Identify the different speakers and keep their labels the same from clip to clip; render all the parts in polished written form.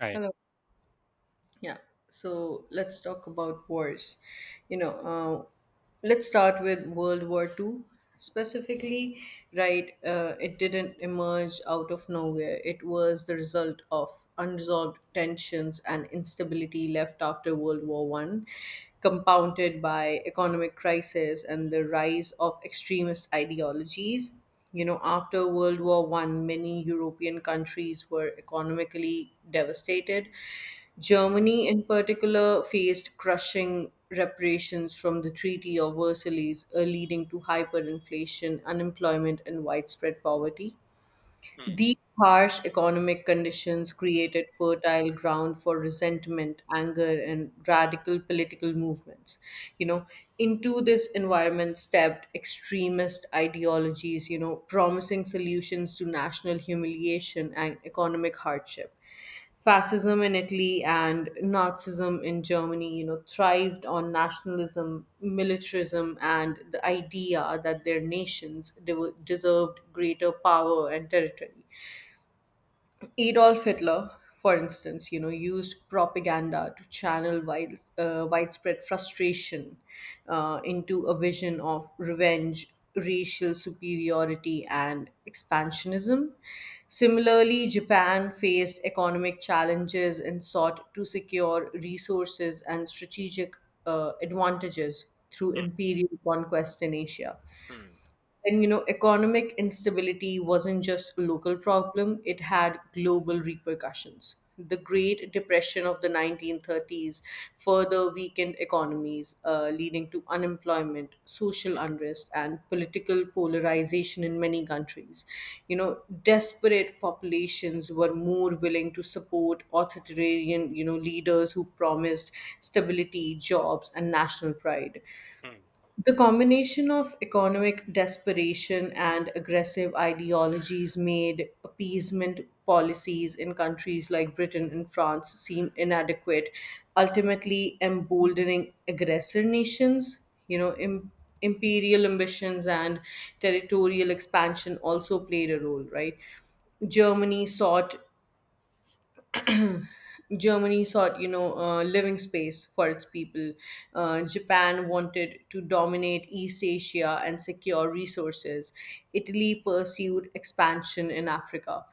Speaker 1: Hi.
Speaker 2: Hello. Yeah. So let's talk about wars. You know, uh, let's start with World War Two specifically. Right, it didn't emerge out of nowhere. It was the result of unresolved tensions and instability left after World War One, compounded by economic crisis and the rise of extremist ideologies. You know, after World War One, many European countries were economically devastated. Germany, in particular, faced crushing reparations from the Treaty of Versailles, leading to hyperinflation, unemployment, and widespread poverty.
Speaker 1: Mm,
Speaker 2: These harsh economic conditions created fertile ground for resentment, anger, and radical political movements. You know, into this environment stepped extremist ideologies, you know, promising solutions to national humiliation and economic hardship. Fascism in Italy and Nazism in Germany, you know, thrived on nationalism, militarism, and the idea that their nations deserved greater power and territory. Adolf Hitler, for instance, you know, used propaganda to channel widespread frustration into a vision of revenge, racial superiority, and expansionism. Similarly, Japan faced economic challenges and sought to secure resources and strategic advantages through imperial conquest in Asia.
Speaker 1: mm,
Speaker 2: And you know, economic instability wasn't just a local problem, it had global repercussions. The Great Depression of the 1930s further weakened economies, leading to unemployment, social
Speaker 1: mm,
Speaker 2: unrest, and political polarization in many countries. You know, desperate populations were more willing to support authoritarian, you know, leaders who promised stability, jobs, and national pride.
Speaker 1: mm.
Speaker 2: The combination of economic desperation and aggressive ideologies made appeasement policies in countries like Britain and France seem inadequate, ultimately emboldening aggressor nations. You know, im- Imperial ambitions and territorial expansion also played a role, right? Germany sought Germany sought, living space for its people. Japan wanted to dominate East Asia and secure resources. Italy pursued expansion in Africa.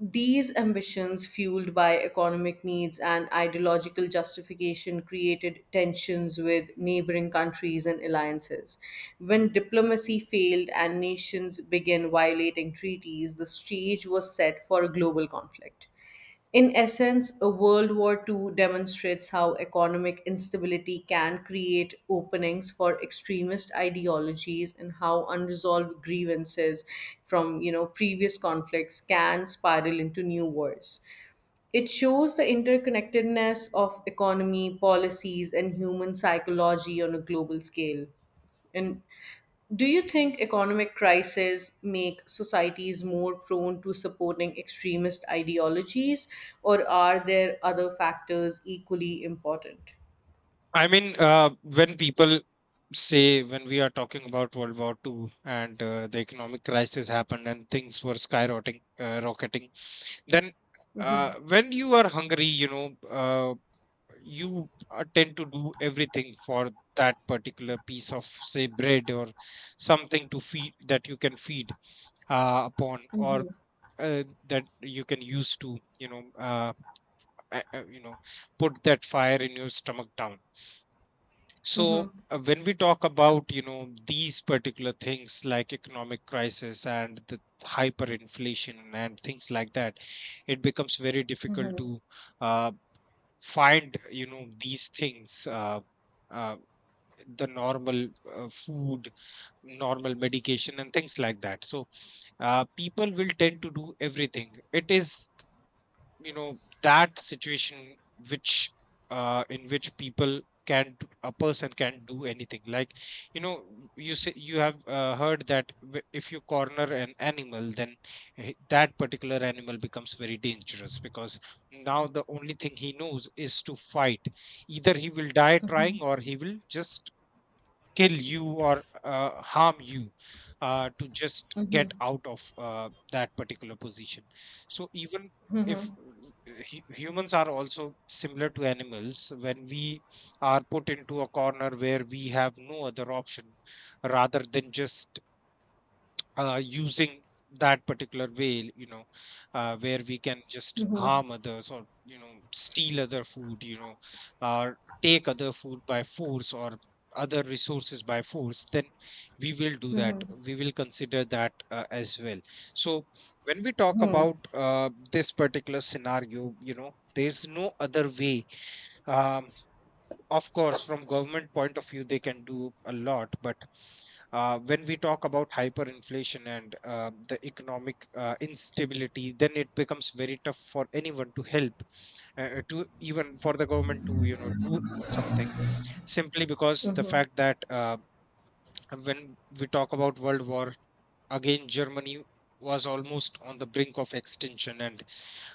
Speaker 2: These ambitions, fueled by economic needs and ideological justification, created tensions with neighboring countries and alliances. When diplomacy failed and nations began violating treaties, the stage was set for a global conflict. In essence, a World War II demonstrates how economic instability can create openings for extremist ideologies and how unresolved grievances from previous conflicts can spiral into new wars. It shows the interconnectedness of economy, policies, and human psychology on a global scale. And do you think economic crises make societies more prone to supporting extremist ideologies, or are there other factors equally important?
Speaker 1: I mean, when people say when we are talking about World War II and the economic crisis happened and things were skyrocketing, rocketing, then
Speaker 2: Mhm,
Speaker 1: when you are hungry, you know, you tend to do everything for that particular piece of, say, bread or something to feed that you can feed upon or
Speaker 2: mhm,
Speaker 1: that you can use to, you know put that fire in your stomach down. So
Speaker 2: mhm,
Speaker 1: when we talk about you know these particular things like economic crisis and the hyperinflation and things like that, it becomes very difficult to uh, find you know these things, uh, the normal food, normal medication and things like that. So people will tend to do everything. It is you know that situation which, in which people can a person can do anything. Like, you know, you say you have heard that if you corner an animal, then that particular animal becomes very dangerous, because now the only thing he knows is to fight. Either he will die trying, or he will just kill you or harm you, to just get out of that particular position. So even if humans are also similar to animals, when we are put into a corner where we have no other option rather than just using that particular way, you know, where we can just
Speaker 2: mhm,
Speaker 1: harm others or, you know, steal other food, you know, or take other food by force or other resources by force, then we will do that.
Speaker 2: mhm,
Speaker 1: We will consider that as well. So, when we talk
Speaker 2: mhm,
Speaker 1: about this particular scenario, you know, there's no other way. Um, of course, from government point of view, they can do a lot, but when we talk about hyperinflation and the economic instability, then it becomes very tough for anyone to help, to even for the government to you know do something, simply because
Speaker 2: mhm,
Speaker 1: the
Speaker 2: mhm,
Speaker 1: fact that when we talk about world war, again Germany was almost on the brink of extinction and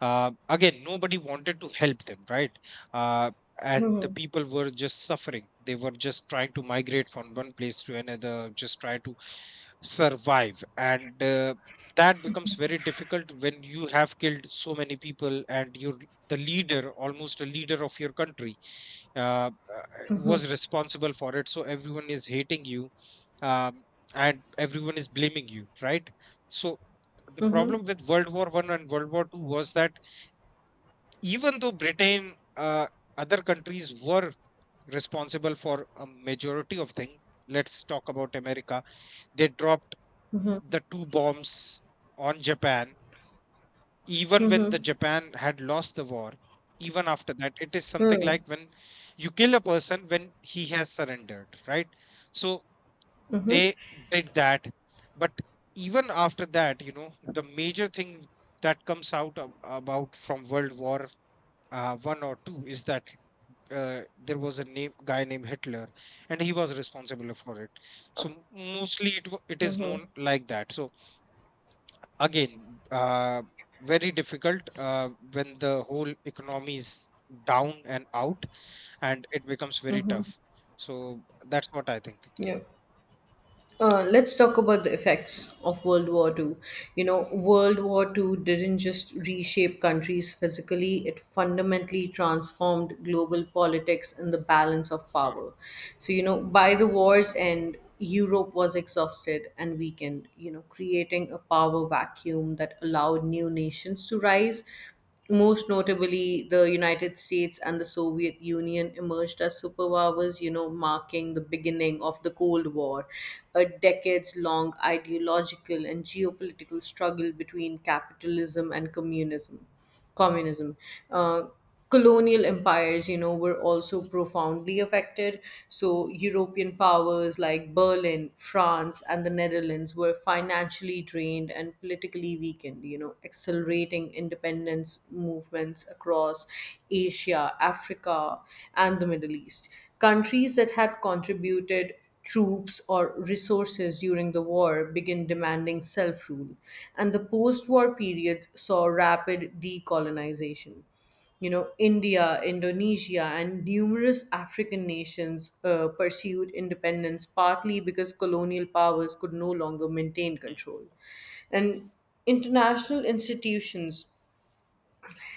Speaker 1: again nobody wanted to help them, right? uh, and the people were just suffering. They were just trying to migrate from one place to another, just try to survive, and that becomes very difficult when you have killed so many people and you're the leader, almost a leader of your country uh, uh, was responsible for it, so everyone is hating you, um, and everyone is blaming you, right? So the
Speaker 2: mhm,
Speaker 1: problem with World War I and World War II was that even though Britain, other countries were responsible for a majority of things, let's talk about America. They dropped the two bombs on Japan, even when the Japan had lost the war. Even after that, it is something
Speaker 2: mhm,
Speaker 1: like when you kill a person when he has surrendered, right? So
Speaker 2: mhm,
Speaker 1: they did that, but even after that, you know, the major thing that comes out about from World War One or Two is that there was a name guy named Hitler, and he was responsible for it. So mostly it it is
Speaker 2: mhm.
Speaker 1: known like that. So again, very difficult when the whole economy is down and out, and it becomes very tough. So that's what I think.
Speaker 2: Yeah. Let's talk about the effects of World War II. You know, World War II didn't just reshape countries physically, it fundamentally transformed global politics and the balance of power. So, you know, by the war's end, Europe was exhausted and weakened, you know, creating a power vacuum that allowed new nations to rise, most notably the United States and the Soviet Union emerged as superpowers, you know, marking the beginning of the Cold War, a decades long ideological and geopolitical struggle between capitalism and communism. communism uh, Colonial empires, you know, were also profoundly affected, so European powers like Berlin, France, and the Netherlands were financially drained and politically weakened, you know, accelerating independence movements across Asia, Africa, and the Middle East. Countries that had contributed troops or resources during the war began demanding self rule, and the post war period saw rapid decolonization. You know, India, Indonesia, and numerous African nations pursued independence partly because colonial powers could no longer maintain
Speaker 1: Mm,
Speaker 2: control. And international institutions,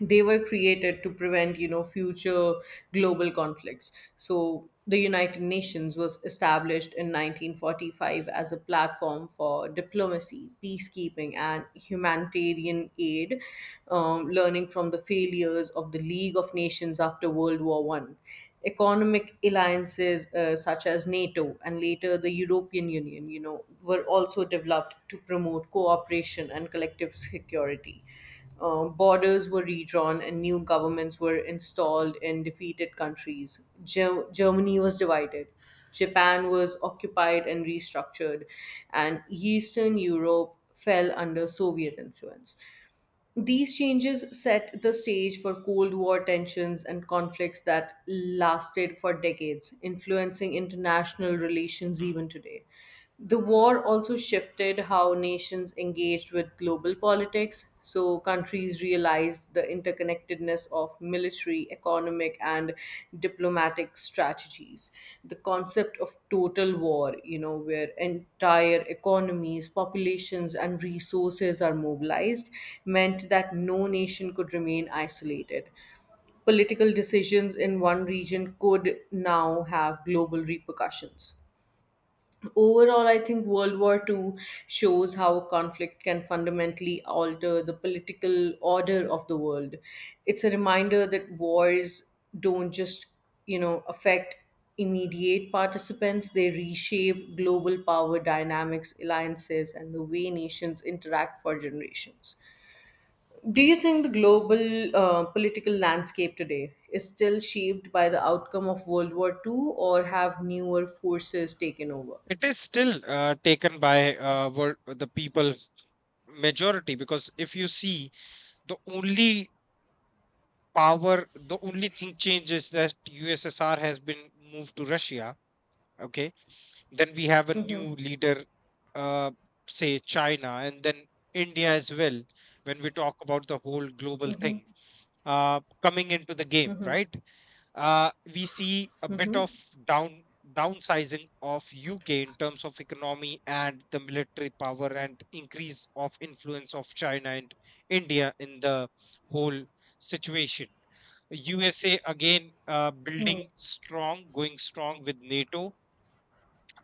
Speaker 2: they were created to prevent, you know, future global conflicts. So the United Nations was established in 1945 as a platform for diplomacy, peacekeeping, and humanitarian aid, learning from the failures of the League of Nations after World War One. Economic alliances, such as NATO and later the European Union, you know, were also developed to promote cooperation and collective security. Borders were redrawn and new governments were installed in defeated countries. Germany was divided. Japan was occupied and restructured, and Eastern Europe fell under Soviet
Speaker 1: mm,
Speaker 2: influence. These changes set the stage for Cold War tensions and conflicts that lasted for decades, influencing international relations
Speaker 1: mm.
Speaker 2: even today. The war also shifted how nations engaged with global politics, so countries realized the interconnectedness of military, economic, and diplomatic strategies. The concept of total war, you know, where entire economies, populations, and resources are mobilized, meant that no nation could remain isolated. Political decisions in one region could now have global repercussions. Overall, I think World War Two shows how a conflict can fundamentally alter the political order of the world. It's a reminder that wars don't just, affect immediate participants, they reshape global power dynamics, alliances, and the way nations interact for generations. Do you think the global political landscape today is still shaped by the outcome of World War Two, or have newer forces taken over?
Speaker 1: It is still taken by world, the people majority, because if you see, the only power, the only thing changes that USSR has been moved to Russia. Okay, then we have a new leader, uh, say China, and then India as well. When we talk about the whole global thing coming into the game, right? We see a bit
Speaker 2: Mhm.
Speaker 1: of down downsizing of UK in terms of economy and the military power, and increase of influence of China and India in the whole situation. USA again,
Speaker 2: Hmm.
Speaker 1: building strong, going strong with NATO,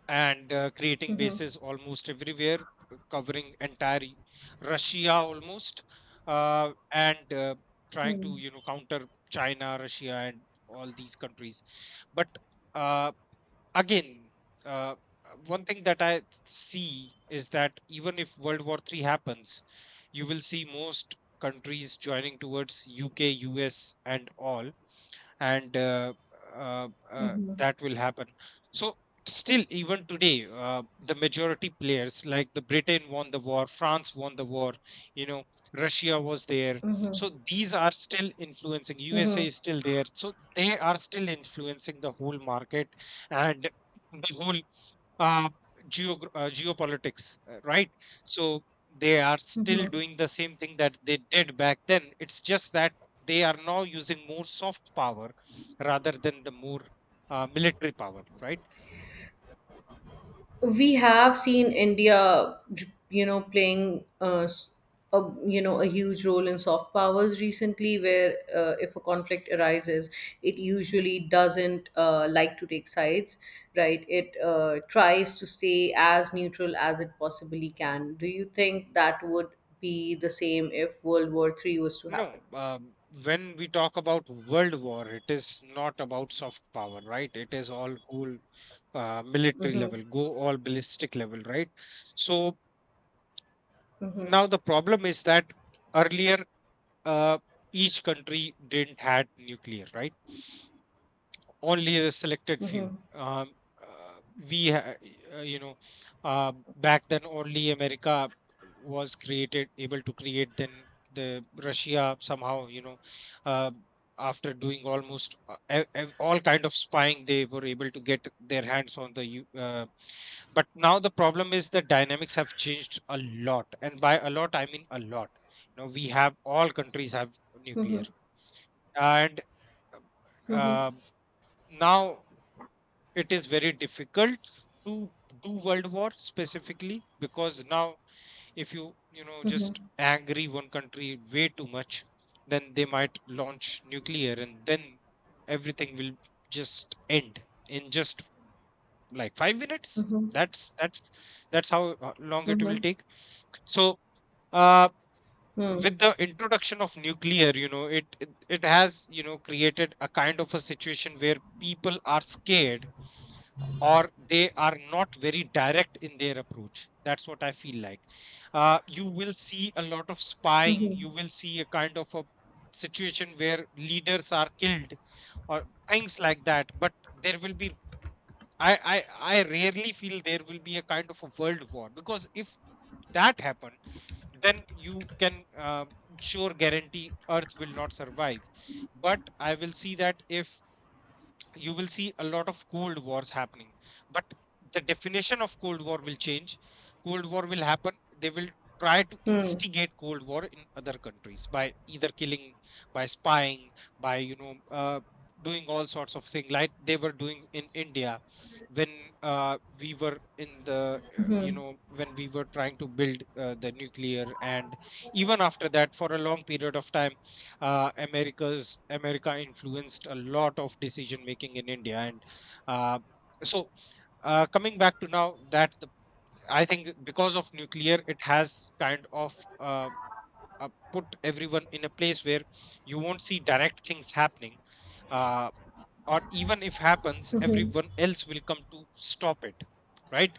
Speaker 1: and creating
Speaker 2: Mhm.
Speaker 1: bases almost everywhere, covering entire Russia almost, and trying
Speaker 2: Hmm.
Speaker 1: to you know counter China, Russia, and all these countries. But uh, again, uh, one thing that I see is that even if World War III happens, you will see most countries joining towards UK, US, and all, and
Speaker 2: Mhm.
Speaker 1: that will happen. So still even today, the majority players like the Britain won the war, France won the war, you know, Russia was there,
Speaker 2: Mhm.
Speaker 1: so these are still influencing. USA
Speaker 2: Mhm.
Speaker 1: is still there, so they are still influencing the whole market and the whole uh, geopolitics, right? So they are still
Speaker 2: Mhm.
Speaker 1: doing the same thing that they did back then. It's just that they are now using more soft power rather than the more military power, right?
Speaker 2: We have seen India, you know, playing a, a huge role in soft powers recently. Where if a conflict arises, it usually doesn't like to take sides, right? It tries to stay as neutral as it possibly can. Do you think that would be the same if World War Three was to happen?
Speaker 1: No, when we talk about world war, it is not about soft power, right? It is all whole military
Speaker 2: Mm-hmm.
Speaker 1: level, go all ballistic level, right? So now the problem is that earlier, uh, each country didn't had nuclear, right? Only the selected few. Uh, we, ha- you know, back then only America was created, able to create. Then the Russia somehow, you know, uh, after doing almost all kind of spying, they were able to get their hands on the. But now the problem is the dynamics have changed a lot, and by a lot I mean a lot. You know, we have all countries have nuclear, and uh, um, now it is very difficult to do world war specifically, because now if you you know
Speaker 2: Mm-hmm.
Speaker 1: just angry one country way too much, then they might launch nuclear, and then everything will just end in just like 5 minutes.
Speaker 2: Mm-hmm.
Speaker 1: that's that's that's how long it will
Speaker 2: Mhm.
Speaker 1: take. So uh
Speaker 2: Hmm.
Speaker 1: with the introduction of nuclear, you know, it has you know created a kind of a situation where people are scared, or they are not very direct in their approach. That's what I feel like. You will see a lot of spying. You will see a kind of a situation where leaders are killed or things like that. But there will be, I rarely feel there will be a kind of a world war, because if that happened, then you can sure guarantee Earth will not survive. But I will see that, if you will see a lot of cold wars happening, but the definition of cold war will change. Cold war will happen. They will try to instigate cold war in other countries by either killing, by spying, by you know doing all sorts of things, like they were doing in India when we were in the you know, when we were trying to build the nuclear, and even after that for a long period of time, America influenced a lot of decision making in India, and uh, so coming back to now that the, I think because of nuclear, it has kind of uh, put everyone in a place where you won't see direct things happening, uh, or even if happens, everyone else will come to stop it, right?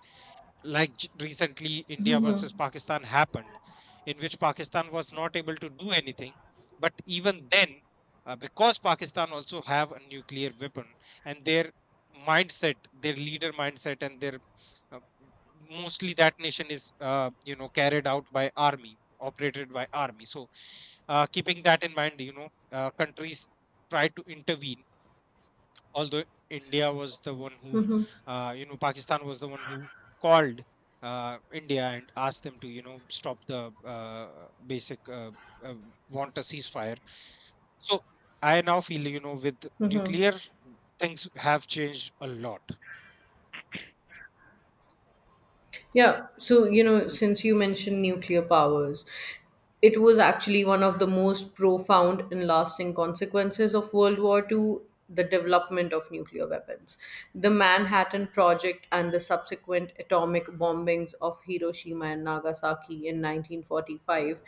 Speaker 1: Like recently India
Speaker 2: Mhm.
Speaker 1: versus Pakistan happened, in which Pakistan was not able to do anything. But even then, because Pakistan also have a nuclear weapon, and their mindset, their leader mindset, and their uh, mostly that nation is you know carried out by army, operated by army. So keeping that in mind, you know, countries try to intervene, although India was the one who, you know, Pakistan was the one who called India and asked them to, you know, stop the basic uh, want a ceasefire. So I now feel, you know, with nuclear, things have changed a lot.
Speaker 2: Yeah. So, you know, since you mentioned nuclear powers, it was actually one of the most profound and lasting consequences of World War II, the development of nuclear weapons. The Manhattan Project and the subsequent atomic bombings of Hiroshima and Nagasaki in 1945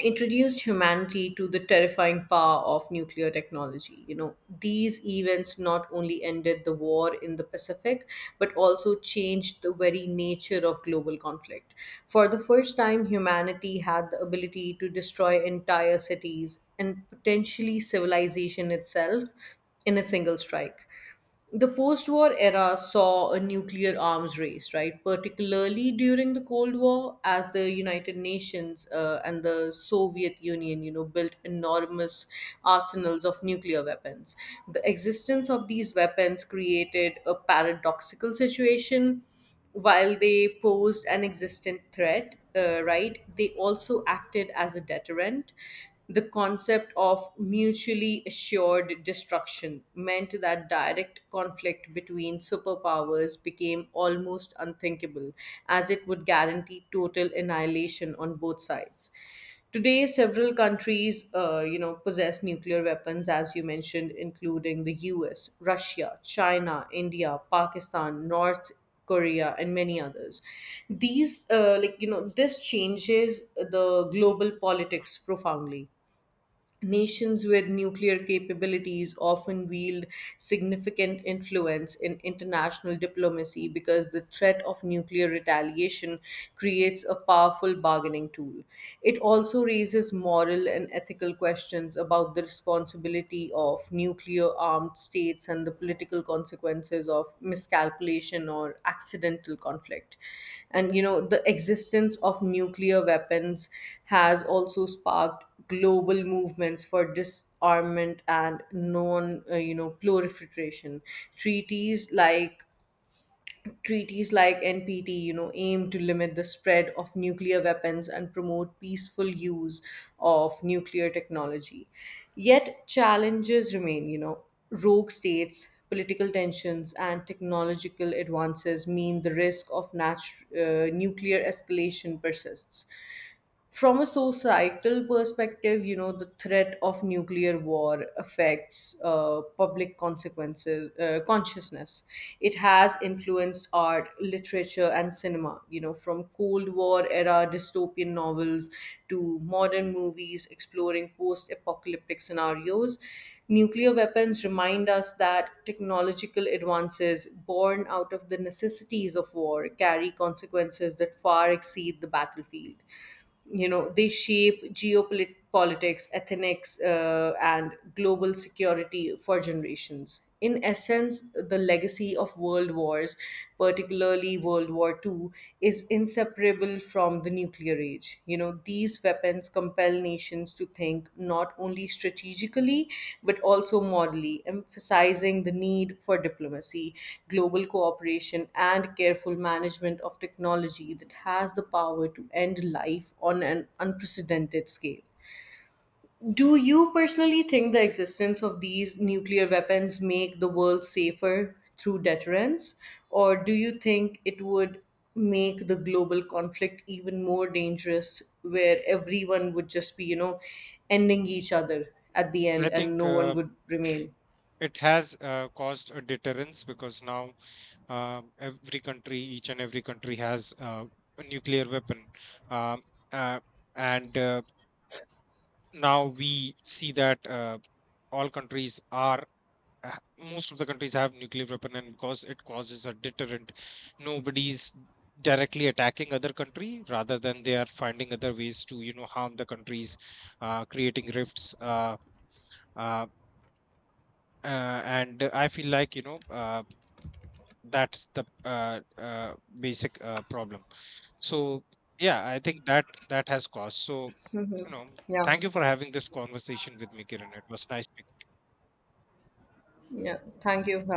Speaker 2: introduced humanity to the terrifying power of nuclear technology. You know, these events not only ended the war in the Pacific, but also changed the very nature of global conflict. For the first time, humanity had the ability to destroy entire cities and potentially civilization itself in a single strike. The post war era saw a nuclear arms race, right? Particularly during the Cold War, as the United Nations and the Soviet Union, you know, built enormous arsenals of nuclear weapons. The existence of these weapons created a paradoxical situation. While they posed an existent threat, right, they also acted as a deterrent. The concept of mutually assured destruction meant that direct conflict between superpowers became almost unthinkable, as it would guarantee total annihilation on both sides. Today, several countries, you know, possess nuclear weapons, as you mentioned, including the U.S., Russia, China, India, Pakistan, North Korea, and many others. These, this changes the global politics profoundly. Nations with nuclear capabilities often wield significant influence in international diplomacy, because the threat of nuclear retaliation creates a powerful bargaining tool. It also raises moral and ethical questions about the responsibility of nuclear armed states and the political consequences of miscalculation or accidental conflict. And you know, the existence of nuclear weapons has also sparked global movements for disarmament and proliferation. Treaties like Treaties like NPT, you know, aim to limit the spread of nuclear weapons and promote peaceful use of nuclear technology. Yet challenges remain, you know, rogue states, political tensions, and technological advances mean the risk of nuclear escalation persists. From a societal perspective, you know, the threat of nuclear war affects consciousness. It has influenced art, literature, and cinema, you know, from Cold War era dystopian novels to modern movies exploring post apocalyptic scenarios. Nuclear weapons remind us that technological advances born out of the necessities of war carry consequences that far exceed the battlefield. You know, they shape geopolitics, ethics, and global security for generations. In essence, the legacy of world wars, particularly World War II, is inseparable from the nuclear age. You know, these weapons compel nations to think not only strategically, but also morally, emphasizing the need for diplomacy, global cooperation, and careful management of technology that has the power to end life on an unprecedented scale. Do you personally think the existence of these nuclear weapons make the world safer through deterrence, or do you think it would make the global conflict even more dangerous, where everyone would just be, you know, ending each other at the
Speaker 1: I
Speaker 2: end and
Speaker 1: think
Speaker 2: no one would remain?
Speaker 1: it has caused a deterrence, because now every country, each and every country has a nuclear weapon. Um, uh, and now we see that all countries are, most of the countries have nuclear weapon, and because it causes a deterrent, nobody's directly attacking other country, rather than they are finding other ways to you know harm the countries, creating rifts, uh, and I feel like you know that's the basic problem. So yeah, I think that that has caused. So
Speaker 2: Hmm.
Speaker 1: you know,
Speaker 2: Yeah,
Speaker 1: thank you for having this conversation with me, Kiran. It was nice.
Speaker 2: yeah. Thank you for